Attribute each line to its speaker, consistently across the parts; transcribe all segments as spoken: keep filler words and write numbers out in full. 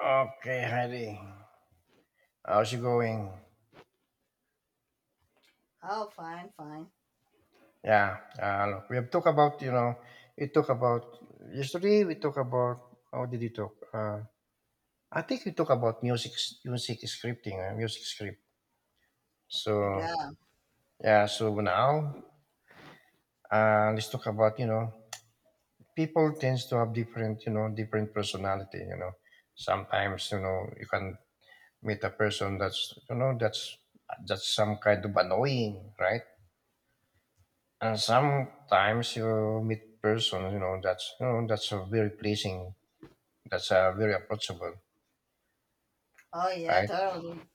Speaker 1: Okay, Heidi. How's it going?
Speaker 2: Oh, fine, fine.
Speaker 1: Yeah, uh, look, we have talked about, you know, we talked about yesterday, we talked about, how did you talk? Uh, I think we talked about music, music scripting, uh, music script. So,
Speaker 2: Yeah.
Speaker 1: yeah, so now, uh, let's talk about, you know, people tends to have different, you know, different personality, you know. Sometimes, you know, you can meet a person that's, you know, that's, that's some kind of annoying, right? And sometimes you meet person, you know, that's you know that's a very pleasing, that's uh, very approachable,
Speaker 2: Oh, yeah,
Speaker 1: right?
Speaker 2: totally.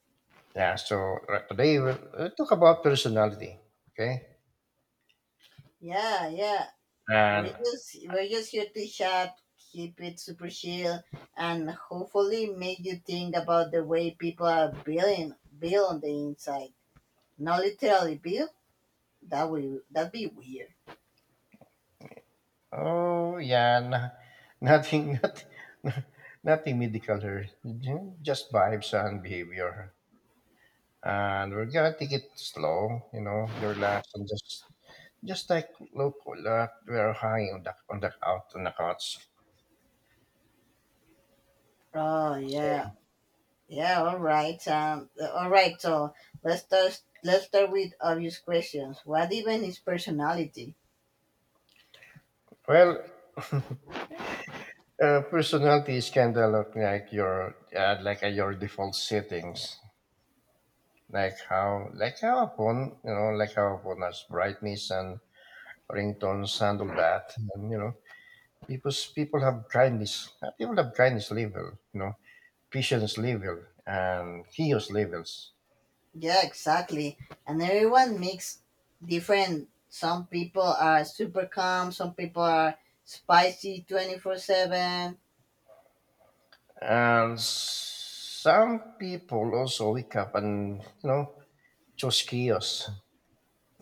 Speaker 1: Yeah. So right, today we'll, we talk about personality, okay?
Speaker 2: Yeah, yeah. We're
Speaker 1: And
Speaker 2: just we're just here to chat, keep it super chill, and hopefully make you think about the way people are building built on the inside. Not literally built. That would that'd be weird.
Speaker 1: oh yeah, no, nothing, not, nothing medical here, ju- just vibes and behavior. And we're gonna take it slow, you know, be relaxed and just just like local, uh, we're high on the on the out on the couch.
Speaker 2: Oh yeah,
Speaker 1: So
Speaker 2: yeah. All right. Um. All right. So let's start. Let's start with obvious questions. What even is personality?
Speaker 1: well, Uh, personality is kind of look like your uh, like uh, your default settings, like how like how upon you know like how upon us brightness and ringtones handle that, and you know people's people have kindness, uh, people have kindness level, you know patience level and chaos levels,
Speaker 2: Yeah, exactly. And everyone makes different. Some people are super calm, some people are spicy twenty four seven.
Speaker 1: and some people also wake up and you know choose chaos.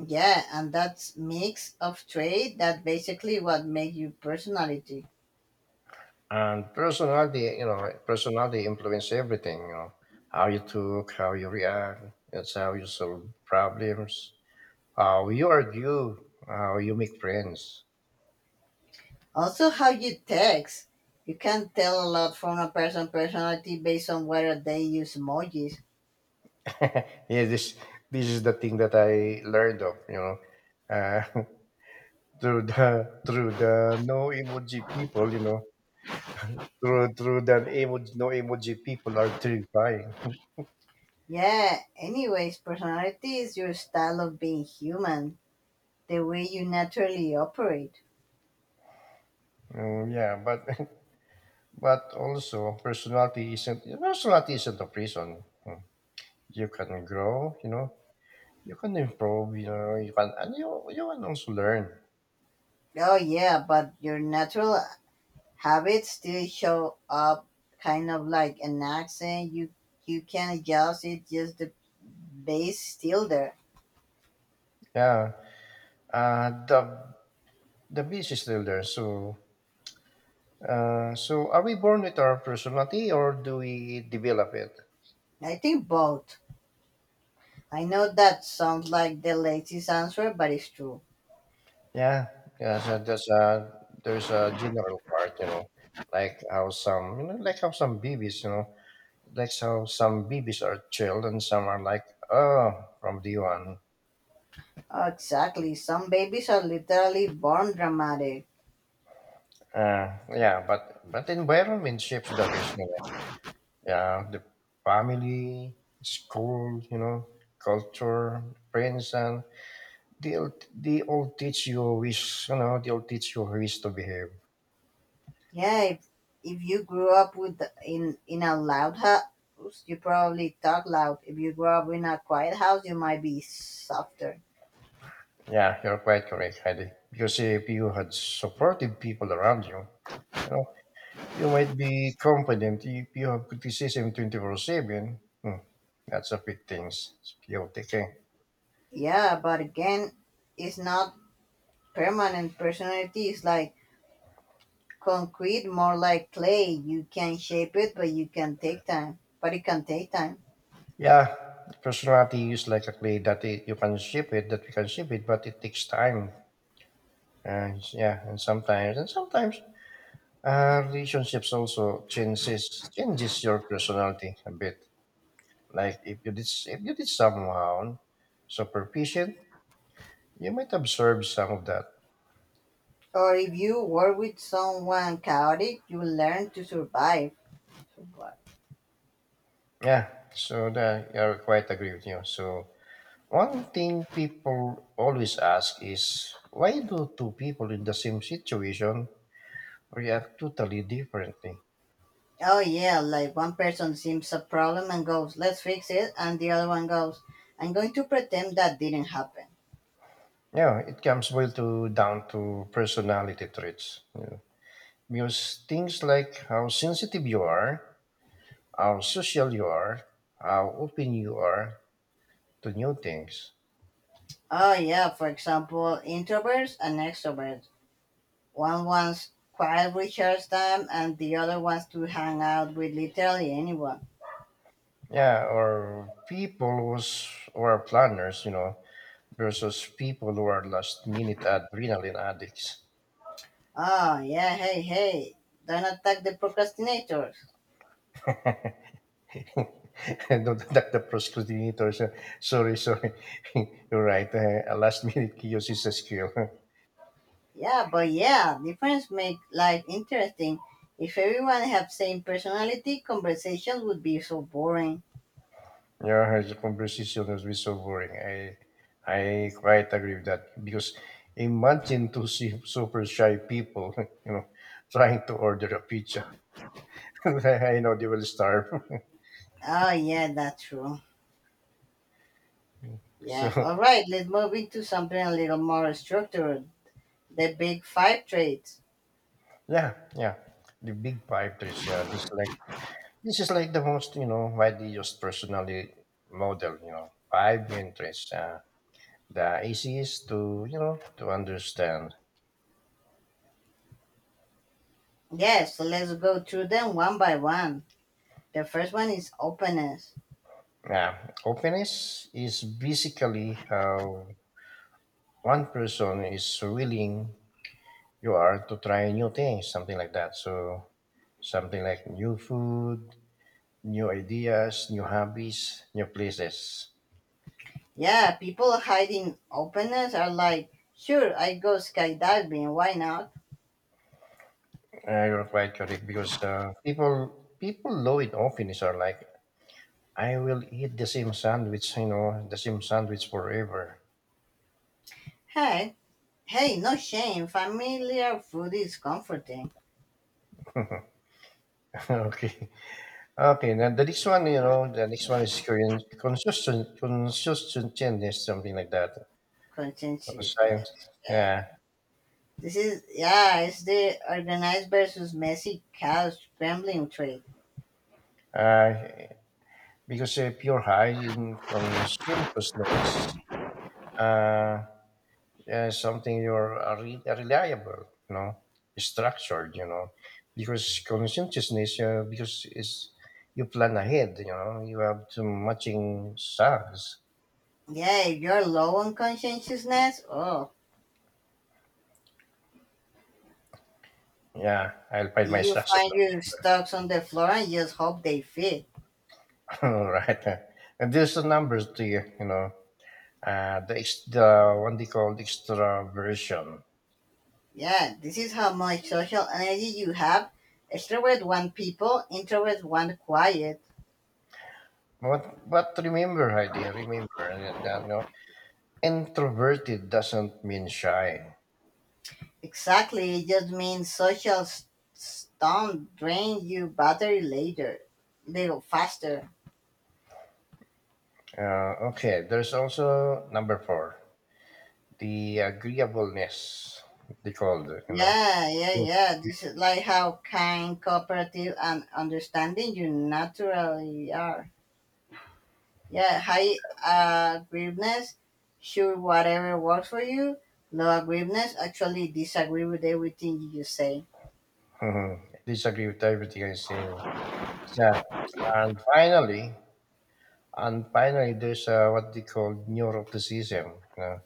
Speaker 2: Yeah, and that's mix of trait that basically what make you personality.
Speaker 1: And personality, you know, personality influence everything, you know, how you talk, how you react, that's how you solve problems, how you argue, how you make friends.
Speaker 2: Also how you text. You can tell a lot from a person' personality based on whether they use emojis.
Speaker 1: yeah, this this is the thing that I learned of, you know, uh, through the through the no emoji people, you know, through through the emoji no emoji people are terrifying.
Speaker 2: Yeah, anyways, personality is your style of being human, the way you naturally operate.
Speaker 1: Um, yeah, but but also personality isn't personality isn't a prison. Hmm. You can grow, you know. You can improve, you know. You can and you you can also learn.
Speaker 2: Oh yeah, but your natural habits still show up kind of like an accent you you can adjust it just the base still there.
Speaker 1: Yeah. Uh, the the beast is still there. So uh, so are we born with our personality or do we develop it?
Speaker 2: I think both i know that sounds like the laziest answer but it's true.
Speaker 1: Yeah. Yeah. So there's a there's a general part, you know, like how some you know like how some babies, you know, like how some babies are chilled and some are like oh from D one.
Speaker 2: Oh, exactly some babies are literally born dramatic.
Speaker 1: Uh, yeah, but but environment shapes the risk. Yeah, the family, school, you know, culture, friends, and they'll they all teach you ways, you know, they'll teach you ways to behave.
Speaker 2: Yeah, if, if you grew up with in in a loud house, you probably talk loud. If you grew up in a quiet house, you might be softer.
Speaker 1: Yeah, you're quite correct, Heidi. Because if you had supportive people around you, you know, you might be confident. If you have criticism twenty four seven, hmm, that's a big thing. Skill taking.
Speaker 2: Yeah, but again, it's not Permanent Personality is like concrete, more like clay. You can shape it, but you can take time. But it can take time.
Speaker 1: Yeah, personality is like a clay that it, you can shape it, that we can shape it, but it takes time and yeah and sometimes and sometimes uh, relationships also changes changes your personality a bit like if you did if you did someone super patient, you might observe some of that.
Speaker 2: Or if you work with someone chaotic, you learn to survive. Survive.
Speaker 1: Yeah, so that I quite agree with you. So one thing people always ask is, why do two people in the same situation react totally differently?
Speaker 2: Oh yeah, like one person sees a problem and goes, "Let's fix it," and the other one goes, "I'm going to pretend that didn't happen."
Speaker 1: Yeah, it comes well to down to personality traits. Yeah. Because things like how sensitive you are, how social you are, how open you are to new things.
Speaker 2: Oh yeah, for example, introverts and extroverts. One wants quiet recharge time, and the other wants to hang out with literally anyone.
Speaker 1: Yeah, or people who's, who are planners, you know, versus people who are last minute adrenaline addicts.
Speaker 2: Oh, yeah, hey, hey. Don't attack the procrastinators.
Speaker 1: And not attack the procrastinators. uh, Sorry, sorry. You're right. Uh, a last minute chaos is a skill.
Speaker 2: Yeah, but yeah, difference make life interesting. If everyone have same personality, conversations would be so boring.
Speaker 1: Yeah, his conversation has been so boring. I I quite agree with that because imagine to see super shy people, you know, trying to order a pizza. I know they will starve.
Speaker 2: Oh, yeah, that's true. Yeah, all
Speaker 1: so
Speaker 2: right, let's move into something a little more structured. The big five traits.
Speaker 1: yeah, yeah, the big five is yeah. This is like this is like the most you know widely used personality model. You know, five interests. Uh, the easiest to you know to understand.
Speaker 2: Yes, so let's go through them one by one. The first one is openness.
Speaker 1: Yeah, openness is basically how one person is willing you are to try new things, something like that. So something like new food, new ideas, new hobbies, new places.
Speaker 2: Yeah, people hiding openness are like, sure, I go skydiving, why not?
Speaker 1: Uh, you're quite correct because uh, people people low in office are like, I will eat the same sandwich, you know, the same sandwich forever.
Speaker 2: Hey, Hey, no shame. Familiar food is comforting.
Speaker 1: okay, okay. Now the next one, you know, the next one is Korean consistent, consistent, is something like that. Conscience-
Speaker 2: Conscientiousness. Yeah.
Speaker 1: Yeah.
Speaker 2: This is yeah, it's the organized versus messy cow scrambling trade.
Speaker 1: Uh, Because if you high in conscientiousness, uh, yeah, something you're uh, re- reliable, you know, structured, you know, because conscientiousness, uh, because is you plan ahead, you know, you have to matching stocks.
Speaker 2: Yeah, if you're low on conscientiousness, oh,
Speaker 1: Yeah, I'll find my
Speaker 2: you
Speaker 1: stocks on
Speaker 2: find your
Speaker 1: that.
Speaker 2: stocks on the floor and just hope they fit.
Speaker 1: All right, and there's the numbers to you, you know, uh, the ex- the one they call extraversion.
Speaker 2: Yeah, this is how much social energy you have. Extroverts want people, introverts want quiet.
Speaker 1: But but remember, Heidi, remember, uh, introverted doesn't mean shy.
Speaker 2: Exactly. It just means social s- don't drain you battery later, little faster.
Speaker 1: Uh, okay, there's also number four, the agreeableness, they called, you know.
Speaker 2: Yeah, yeah,
Speaker 1: Yeah.
Speaker 2: yeah. This is like how kind, cooperative, and understanding you naturally are. Yeah, high agreeableness, sure, whatever works for you. Low agreeableness, actually disagree with everything you say.
Speaker 1: Mhm. Disagree with everything I say. Yeah. And finally, and finally, there's uh, what they call neuroticism. You know?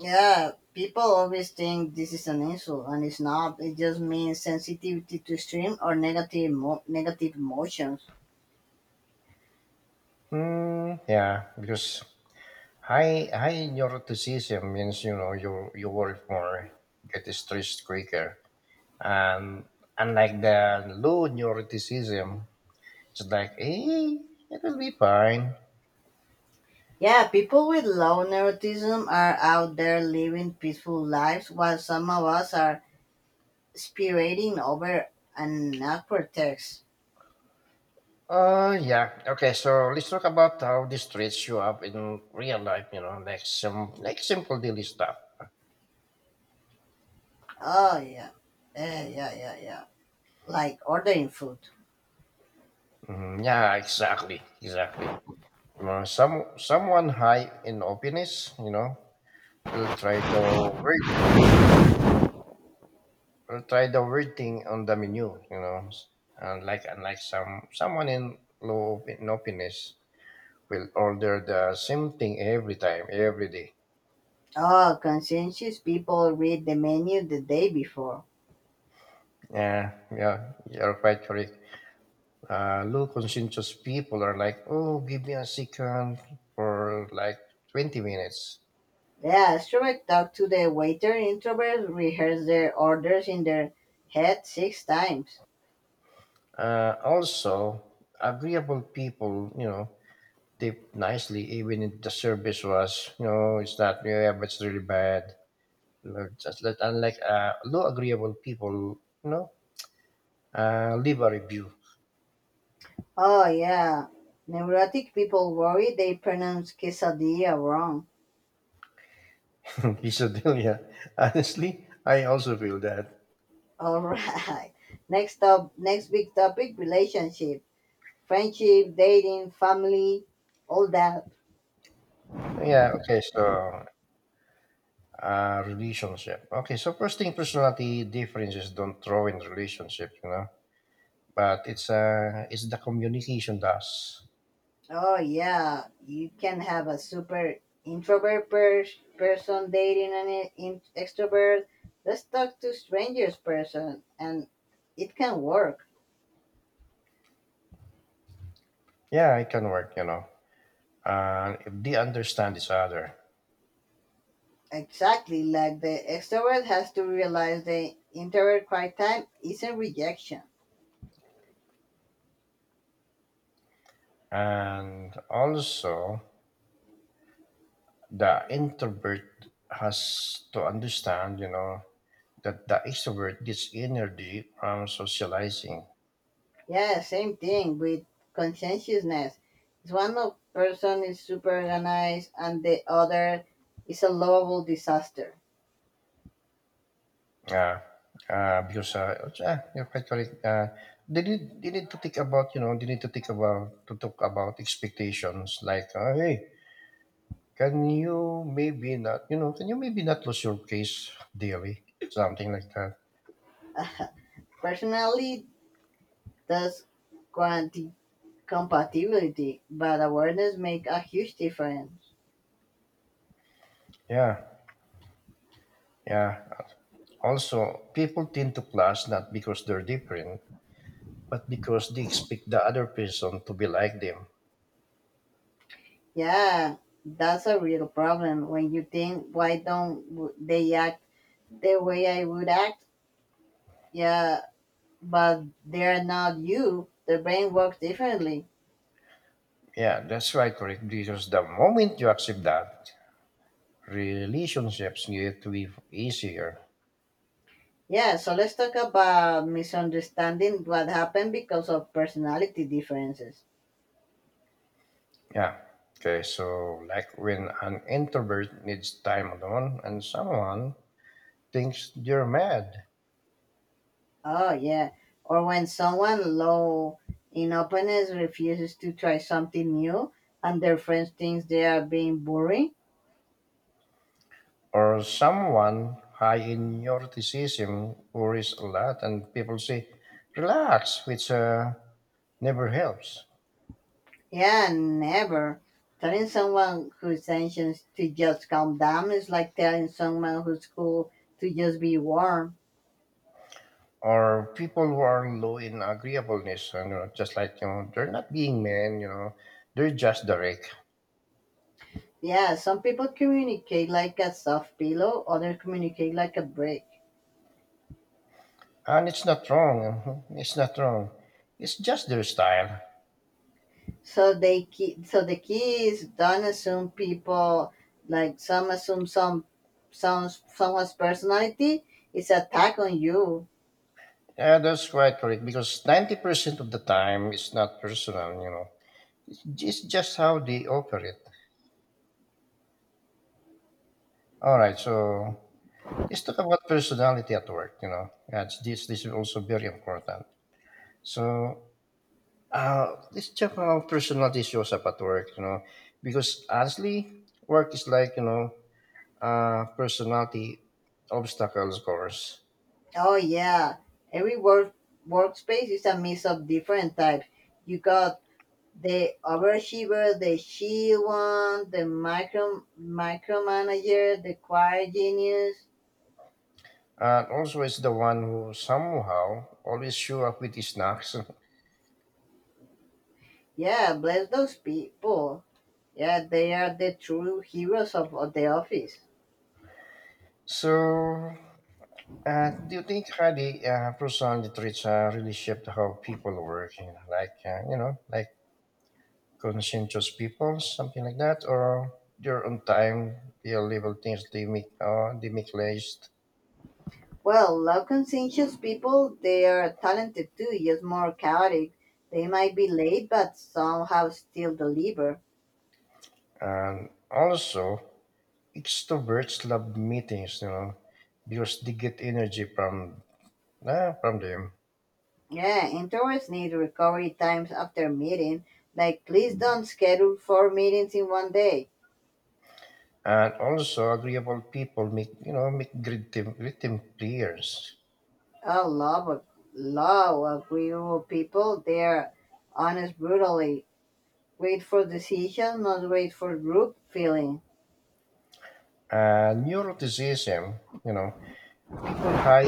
Speaker 2: Yeah, people always think this is an insult, and it's not. It just means sensitivity to extreme or negative emo- negative emotions.
Speaker 1: mm, yeah, because high high neuroticism means you know you you work more, get stressed quicker, and unlike the low neuroticism, she's like, eh, it will be fine.
Speaker 2: Yeah, people with low neuroticism are out there living peaceful lives, while some of us are spirating over an awkward text.
Speaker 1: Uh, yeah. Okay, so let's talk about how the streets show up in real life, you know, like some, like simple daily stuff.
Speaker 2: Oh yeah, yeah, yeah, yeah, yeah. Like ordering food.
Speaker 1: Mhm, yeah, exactly, exactly. You know, some, someone high in openness, you know, will try the word, will try the word thing on the menu, you know, and like, unlike some, someone in low op- in openness will order the same thing every time, every day.
Speaker 2: Oh, conscientious people read the menu the day before.
Speaker 1: Yeah, yeah, you're quite correct. Uh, low conscientious people are like, oh, give me a second for like twenty minutes.
Speaker 2: The astronaut talked to the waiter. Introverts rehearse their orders in their head six times.
Speaker 1: Uh, also, Agreeable people, you know, tip nicely even if the service was, you know, it's not, yeah, but it's really bad. Like, just let, unlike uh, low agreeable people, you know, uh, leave a review.
Speaker 2: Oh, yeah. Neurotic people worry they pronounce quesadilla wrong.
Speaker 1: Piso Delia. Honestly, I also feel that.
Speaker 2: All right. Next up, next big topic relationship, friendship, dating, family, all that.
Speaker 1: Yeah, okay, so Uh, relationship. Okay, so first thing, personality differences don't throw in relationship, you know. But it's uh, it's the communication does.
Speaker 2: Oh, yeah. You can have a super introvert per- person dating an e- in- extrovert. Let's talk to strangers person, and it can work.
Speaker 1: Yeah, it can work, you know. And if they understand each other,
Speaker 2: Exactly, like the extrovert has to realize the introvert quiet time isn't rejection.
Speaker 1: and also the introvert has to understand, you know, that the extrovert gets energy from socializing.
Speaker 2: Yeah, same thing with conscientiousness. It's one of person is super organized and the other is a lovable disaster.
Speaker 1: Yeah, uh, because uh, yeah, you're quite correct. Uh, they need they need to think about you know they need to think about to talk about expectations like uh, hey, can you maybe not you know can you maybe not lose your case daily, something like that.
Speaker 2: Personally, does quanti compatibility, but awareness make a huge difference.
Speaker 1: Yeah, yeah, also people tend to clash not because they're different, but because they expect the other person to be like them.
Speaker 2: Yeah, that's a real problem when you think why don't w- they act the way I would act. Yeah, but they're not you. The brain works differently.
Speaker 1: Yeah, that's right, correct, because the moment you accept that, relationships need to be easier.
Speaker 2: Yeah, so let's talk about misunderstanding what happened because of personality differences.
Speaker 1: Yeah. Okay. So, like when an introvert needs time alone and someone thinks you're mad,
Speaker 2: Oh, yeah. Or when someone low in openness refuses to try something new and their friends thinks they are being boring.
Speaker 1: or someone high in neuroticism worries a lot, and people say, relax, which uh, never helps.
Speaker 2: Yeah, never. Telling someone who's anxious to just calm down is like telling someone who's cool to just be warm.
Speaker 1: Or people who are low in agreeableness, and you know, just like, you know, they're not being men, you know, they're just direct.
Speaker 2: Yeah, some people communicate like a soft pillow, others communicate like a brick.
Speaker 1: And it's not wrong. It's not wrong. It's just their style.
Speaker 2: So they keep, so the key is don't assume people like some assume some some someone's personality is attack on you.
Speaker 1: Yeah, that's quite correct. Because ninety percent of the time, it's not personal, you know. It's it's just how they operate. All right, so let's talk about personality at work, you know. That's, this, this is also very important. So uh, let's check how personality shows up at work, you know. Because honestly, work is like, you know, uh, personality obstacles course.
Speaker 2: Oh yeah, every work workspace is a mix of different types. You got the overachiever, the she one, the micro micromanager, the quiet genius.
Speaker 1: And also, it's the one who somehow always show up with his snacks.
Speaker 2: Yeah, bless those people. Yeah, they are the true heroes of, of the office.
Speaker 1: So Uh, do you think how the uh, personal literature really shaped how people work? You know, like uh, you know, like conscientious people, something like that, or they're on time, they label things they make, uh, they make list,
Speaker 2: Well, low conscientious people, they are talented too, just more chaotic. They might be late, but somehow still deliver.
Speaker 1: and also extroverts love meetings, you know, because they get energy from uh, from them,
Speaker 2: Yeah, interns need recovery times after meeting. Like, please don't schedule four meetings in one day.
Speaker 1: and also agreeable people make you know make great team great team players.
Speaker 2: Oh, love of love agreeable people. They are honest brutally. Wait for decision, not wait for group feeling.
Speaker 1: Uh, neuroticism, you know, people high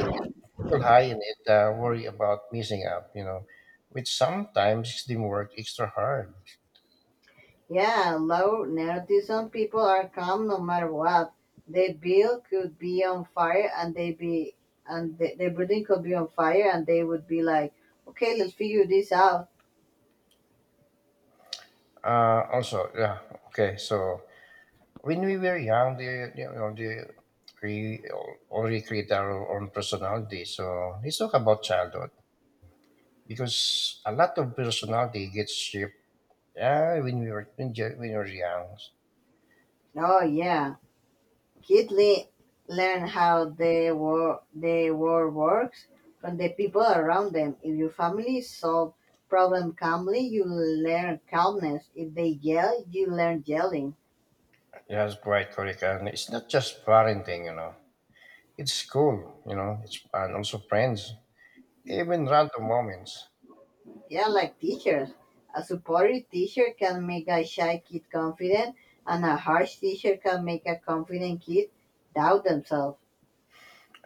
Speaker 1: still high in it uh, worry about missing out, you know, which sometimes makes them work extra hard.
Speaker 2: Yeah, low nerdism people are calm no matter what. The bill could be on fire and they be, and the, the building could be on fire and they would be like, okay, let's figure this out.
Speaker 1: Uh, also, yeah, okay. So when we were young, the you know the we al- already create our own personality. So let's talk about childhood because a lot of personality gets shaped. Yeah, when we were when, ju- when we were young,
Speaker 2: Oh yeah, kids le- learn how the war the world works from the people around them. If your family solve problem calmly, you learn calmness. If they yell, you learn yelling.
Speaker 1: that's quite correct. And it's not just parenting, you know. It's school, you know. It's and also friends, even random moments.
Speaker 2: Yeah, like teachers. A supportive teacher can make a shy kid confident, and a harsh teacher can make a confident kid doubt themselves.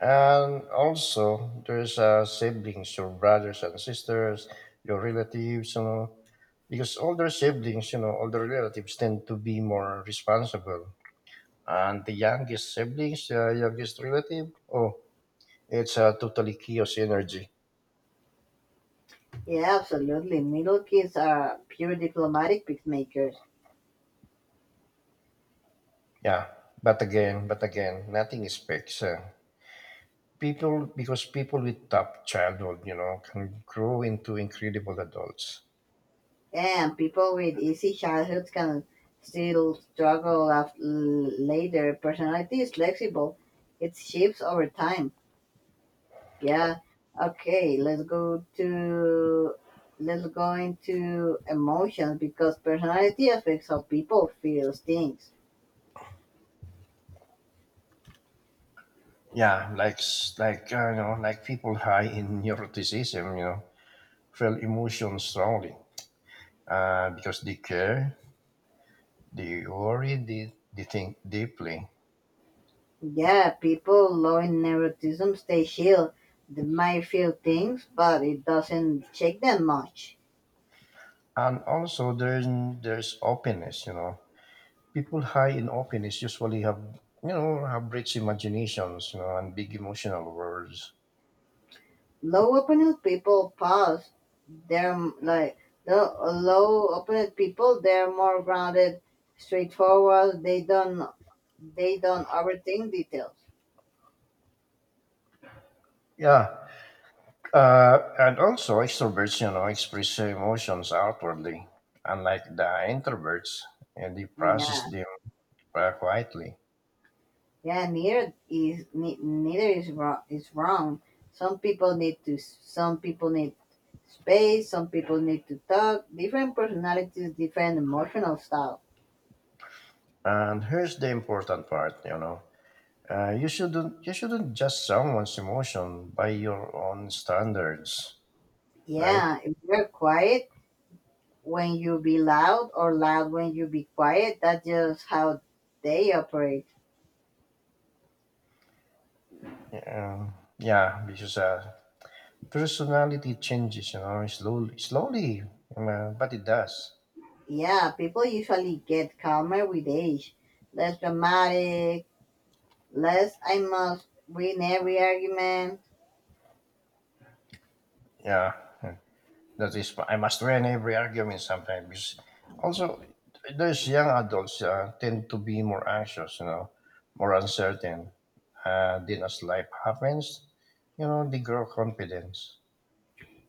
Speaker 1: And also, there's uh, siblings, your brothers and sisters, your relatives, you know, because older siblings, you know, older relatives tend to be more responsible. And the youngest siblings, uh, youngest relative, oh, it's a totally chaos energy.
Speaker 2: Yeah, absolutely. Middle kids are pure diplomatic peacemakers.
Speaker 1: Yeah, but again, but again, nothing is fixed. Uh, people, because people with tough childhood, you know, can grow into incredible adults.
Speaker 2: And people with easy childhoods can still struggle af- l- later. Personality is flexible, it shifts over time. Yeah. Okay. Let's go to let's go into emotions because personality affects how people feel things.
Speaker 1: Yeah, like s- like uh, you know, like people high in neuroticism, you know, feel emotions strongly uh, because they care, they worry, they, they think deeply,
Speaker 2: Yeah, people low in neuroticism stay chill. They might feel things, but it doesn't shake them much.
Speaker 1: and also there's there's openness, you know. People high in openness usually have you know have rich imaginations, you know, and big emotional worlds.
Speaker 2: Low opined people pause. They're m- like the low opined people. They're more grounded, straightforward. They don't they don't overthink details.
Speaker 1: Yeah, uh, and also extroverts, you know, express their emotions outwardly, unlike the introverts, and they process
Speaker 2: Yeah.
Speaker 1: them uh, quietly.
Speaker 2: Yeah, neither is ne- neither is wrong. Is wrong. Some people need to. Some people need space. Some people need to talk. Different personalities, different emotional style.
Speaker 1: And here's the important part, you know. Uh, you shouldn't you shouldn't judge someone's emotion by your own standards, right?
Speaker 2: Yeah, if you're quiet when you be loud, or loud when you be quiet, that's just how they operate.
Speaker 1: Um, yeah, because uh, personality changes, you know, slowly, slowly, um, uh, but it does.
Speaker 2: Yeah, people usually get calmer with age, less dramatic, less I must win every argument.
Speaker 1: Yeah, that is. I must win every argument sometimes. Because also, those young adults uh, tend to be more anxious, you know, more uncertain. Uh, then as life happens, you know, they grow confidence.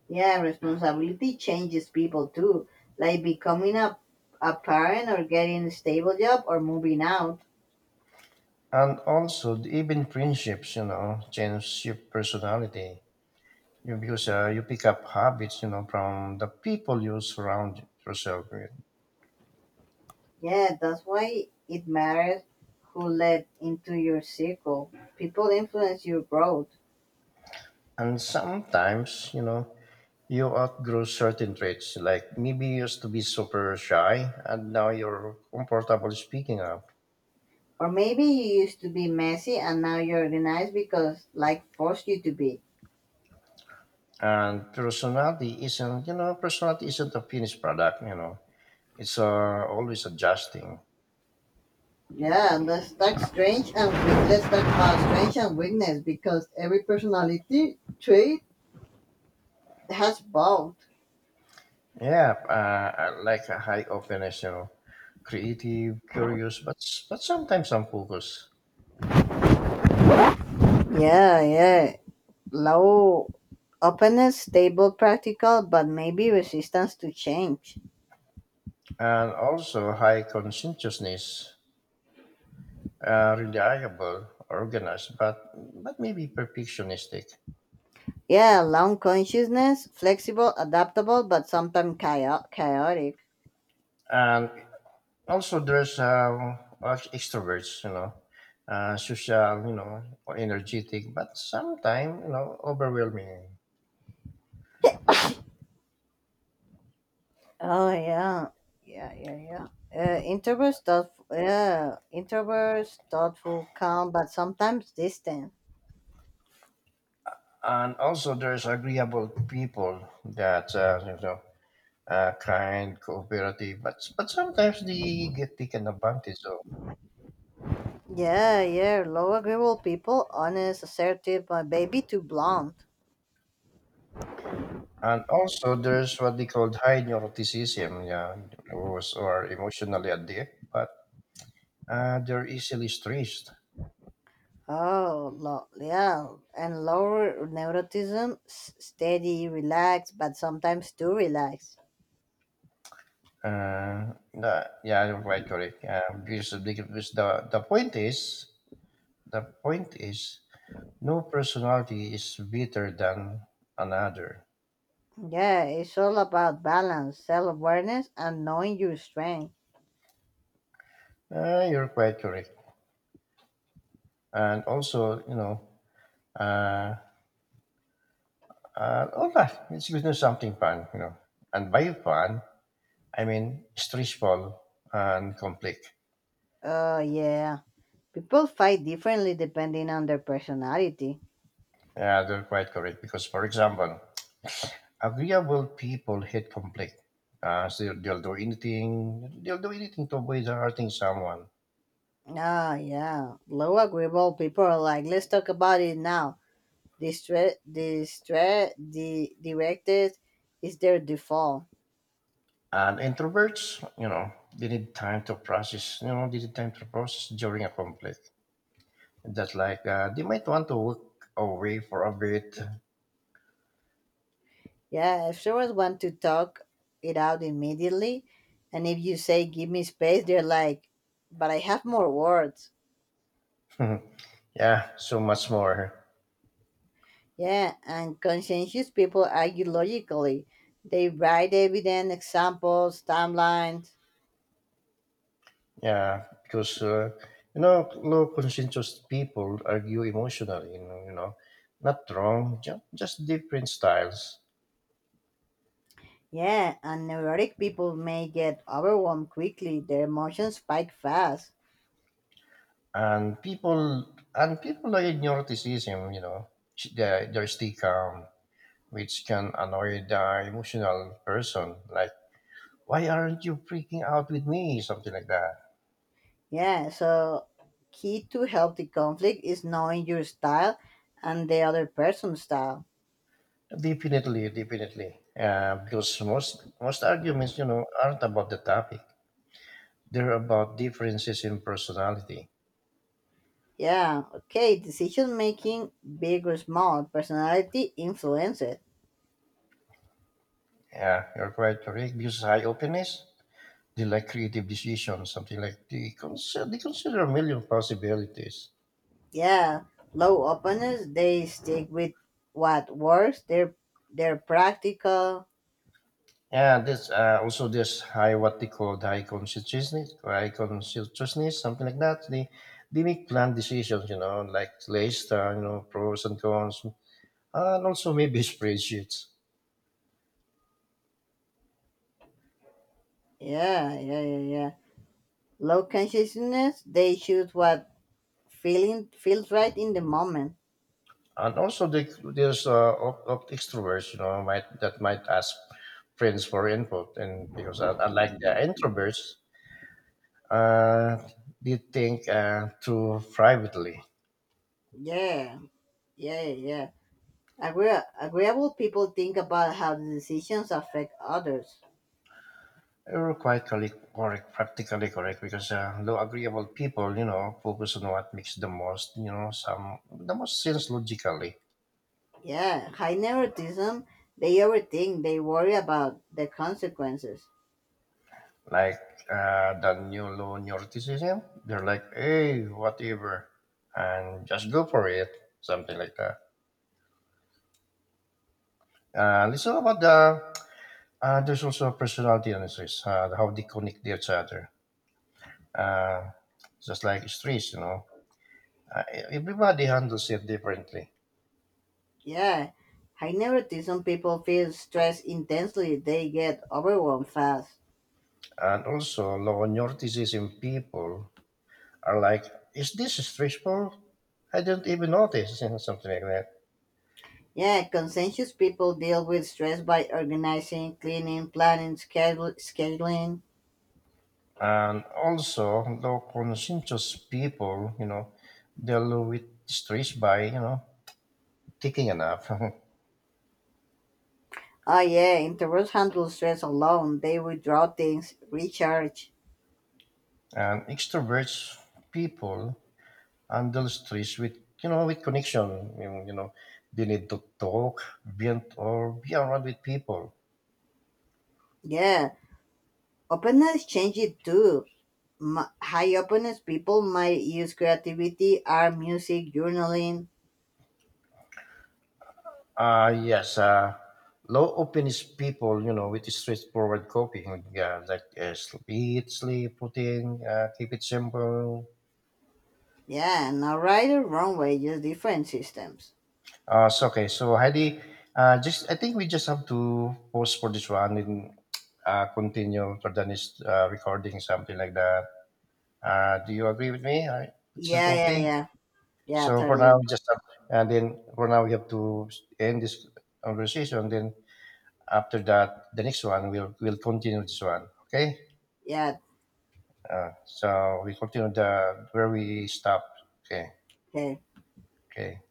Speaker 2: Yeah, responsibility changes people too, like becoming a, a parent or getting a stable job or moving out.
Speaker 1: And also, the- even friendships, you know, change your personality. You because uh, you pick up habits, you know, from the people you surround yourself with.
Speaker 2: Yeah, that's why it matters who let into your circle. People influence your growth.
Speaker 1: And sometimes, you know, you outgrow certain traits. Like maybe you used to be super shy, and now you're comfortable speaking up.
Speaker 2: Or maybe you used to be messy and now you're organized because life forced you to be.
Speaker 1: And personality isn't, you know, personality isn't a finished product. You know, it's uh, always adjusting.
Speaker 2: Yeah, and let's talk strange and we- let's talk about strange and weakness because every personality trait has both.
Speaker 1: Yeah, uh, I like a high of the national creative, curious, but but sometimes unfocused,
Speaker 2: Yeah, yeah. Low openness, stable, practical, but maybe resistance to change.
Speaker 1: and also high conscientiousness, uh, really reliable, organized, but but maybe perfectionistic,
Speaker 2: Yeah, long consciousness, flexible, adaptable, but sometimes chao- chaotic.
Speaker 1: and also there's uh, us extroverts, you know, uh, social, you know, energetic, but sometimes you know overwhelming,
Speaker 2: Oh yeah, yeah, yeah, yeah. Uh, introverts thoughtful, yeah, introverts thoughtful, calm, but sometimes distant.
Speaker 1: and also there's agreeable people that uh, you know uh, kind, cooperative, but but sometimes they get taken advantage of.
Speaker 2: Yeah, yeah. Low agreeable people, honest, assertive, but maybe too blunt.
Speaker 1: And also, there's what they called high neuroticism, yeah, who's are emotionally adept, but uh, they're easily stressed.
Speaker 2: Oh, lo- yeah. And lower neuroticism, s- steady, relaxed, but sometimes too relaxed.
Speaker 1: Uh, the- yeah, you're quite correct. Uh, because because the, the point is, the point is, no personality is better than another.
Speaker 2: Yeah, it's all about balance, self awareness, and knowing your strength.
Speaker 1: Uh, you're quite correct. And also, you know, uh, Uh, all that. It's, you know, something fun, you know. And by fun, I mean stressful and conflict.
Speaker 2: Oh, yeah. People fight differently depending on their personality.
Speaker 1: Yeah, they're quite correct. Because, for example, agreeable people hate conflict. Uh, so they'll, they'll do anything. They'll do anything to avoid hurting someone.
Speaker 2: Ah, yeah. Low agreeable people are like, let's talk about it now. Distre- distre- di- directed is their default.
Speaker 1: And introverts, you know, they need time to process. You know, they need time to process during a conflict. That's like uh, they might want to walk away for a bit.
Speaker 2: Yeah, if someone wants to talk it out immediately, and if you say, give me space, they're like, but I have more words.
Speaker 1: yeah, so much more.
Speaker 2: Yeah, and conscientious people argue logically. They write evidence, examples, timelines.
Speaker 1: Yeah, because uh, you know, low conscientious people argue emotionally. You know, you know, not wrong, just, just different styles.
Speaker 2: Yeah, and neurotic people may get overwhelmed quickly. Their emotions spike fast.
Speaker 1: And people and people like neuroticism, you know, sh- they they stay calm, which can annoy the emotional person. Like, why aren't you freaking out with me? Something like that.
Speaker 2: Yeah, so key to healthy conflict is knowing your style and the other person's style.
Speaker 1: Definitely, definitely. Uh, because most most arguments, you know, aren't about the topic. They're about differences in personality.
Speaker 2: Yeah, okay, decision making, big or small, personality influence it.
Speaker 1: Yeah, you're quite correct because high openness, they like creative decisions, something like they consider, they consider a million possibilities.
Speaker 2: Yeah, low openness, they stick with what works, they're, they're practical.
Speaker 1: Yeah, this uh, also this high what they call high conscientiousness, high conscientiousness, something like that. They they make planned decisions, you know, like list, uh, you know, pros and cons, and also maybe spreadsheets.
Speaker 2: Yeah, yeah, yeah, yeah. Low consciousness, they choose what feeling feels right in the moment.
Speaker 1: And also they, there's uh, op- op- extroverts, you know, might that might ask friends for input, and because uh, unlike the introverts, uh, did think uh, through privately.
Speaker 2: Yeah, yeah, yeah. Agree- agreeable people think about how the decisions affect others.
Speaker 1: They were quite correct, correct practically correct, because uh, though agreeable people, you know, focus on what makes the most, you know, some the most sense logically.
Speaker 2: Yeah, high neuroticism, they overthink, they worry about the consequences.
Speaker 1: Like uh, the new low neuroticism, they're like, hey, whatever, and just go for it, something like that. Uh, listen about the uh, there's also personality analysis, uh, how they connect to each other. Uh, just like stress, you know. Uh, Everybody handles it differently.
Speaker 2: Yeah, I noticed some people feel stress intensely, they get overwhelmed fast.
Speaker 1: And also, low notices in people are like, is this stressful? I didn't even notice, you know, something like that.
Speaker 2: Yeah, conscientious people deal with stress by organizing, cleaning, planning, schedule, scheduling.
Speaker 1: And also, low conscientious people, you know, deal with stress by, you know, taking a nap.
Speaker 2: Oh, yeah, introverts handle stress alone, they withdraw things, recharge.
Speaker 1: And extroverts people handle stress with, you know, with connection. You know, you know, they need to talk, vent, or be around with people.
Speaker 2: Yeah, openness changes too. M- high openness people might use creativity, art, music, journaling.
Speaker 1: Uh, yes, uh, low openness people, you know, with straightforward coping, yeah, like uh, sl- eat, sleep, routine, uh, keep it simple.
Speaker 2: Yeah, not right or wrong way, just different systems.
Speaker 1: Uh, so, okay, so Heidi, uh, just I think we just have to pause for this one and uh, continue for the next uh, recording, something like that. Uh, do you agree with me? I, is it
Speaker 2: Yeah, yeah,
Speaker 1: okay?
Speaker 2: yeah. Yeah,
Speaker 1: So for now,
Speaker 2: totally.
Speaker 1: just uh, and then for now we have to end this conversation. Then after that, the next one we'll we'll continue this one. Okay.
Speaker 2: Yeah.
Speaker 1: Uh, so we continue the where we stopped. Okay,
Speaker 2: Okay.
Speaker 1: okay.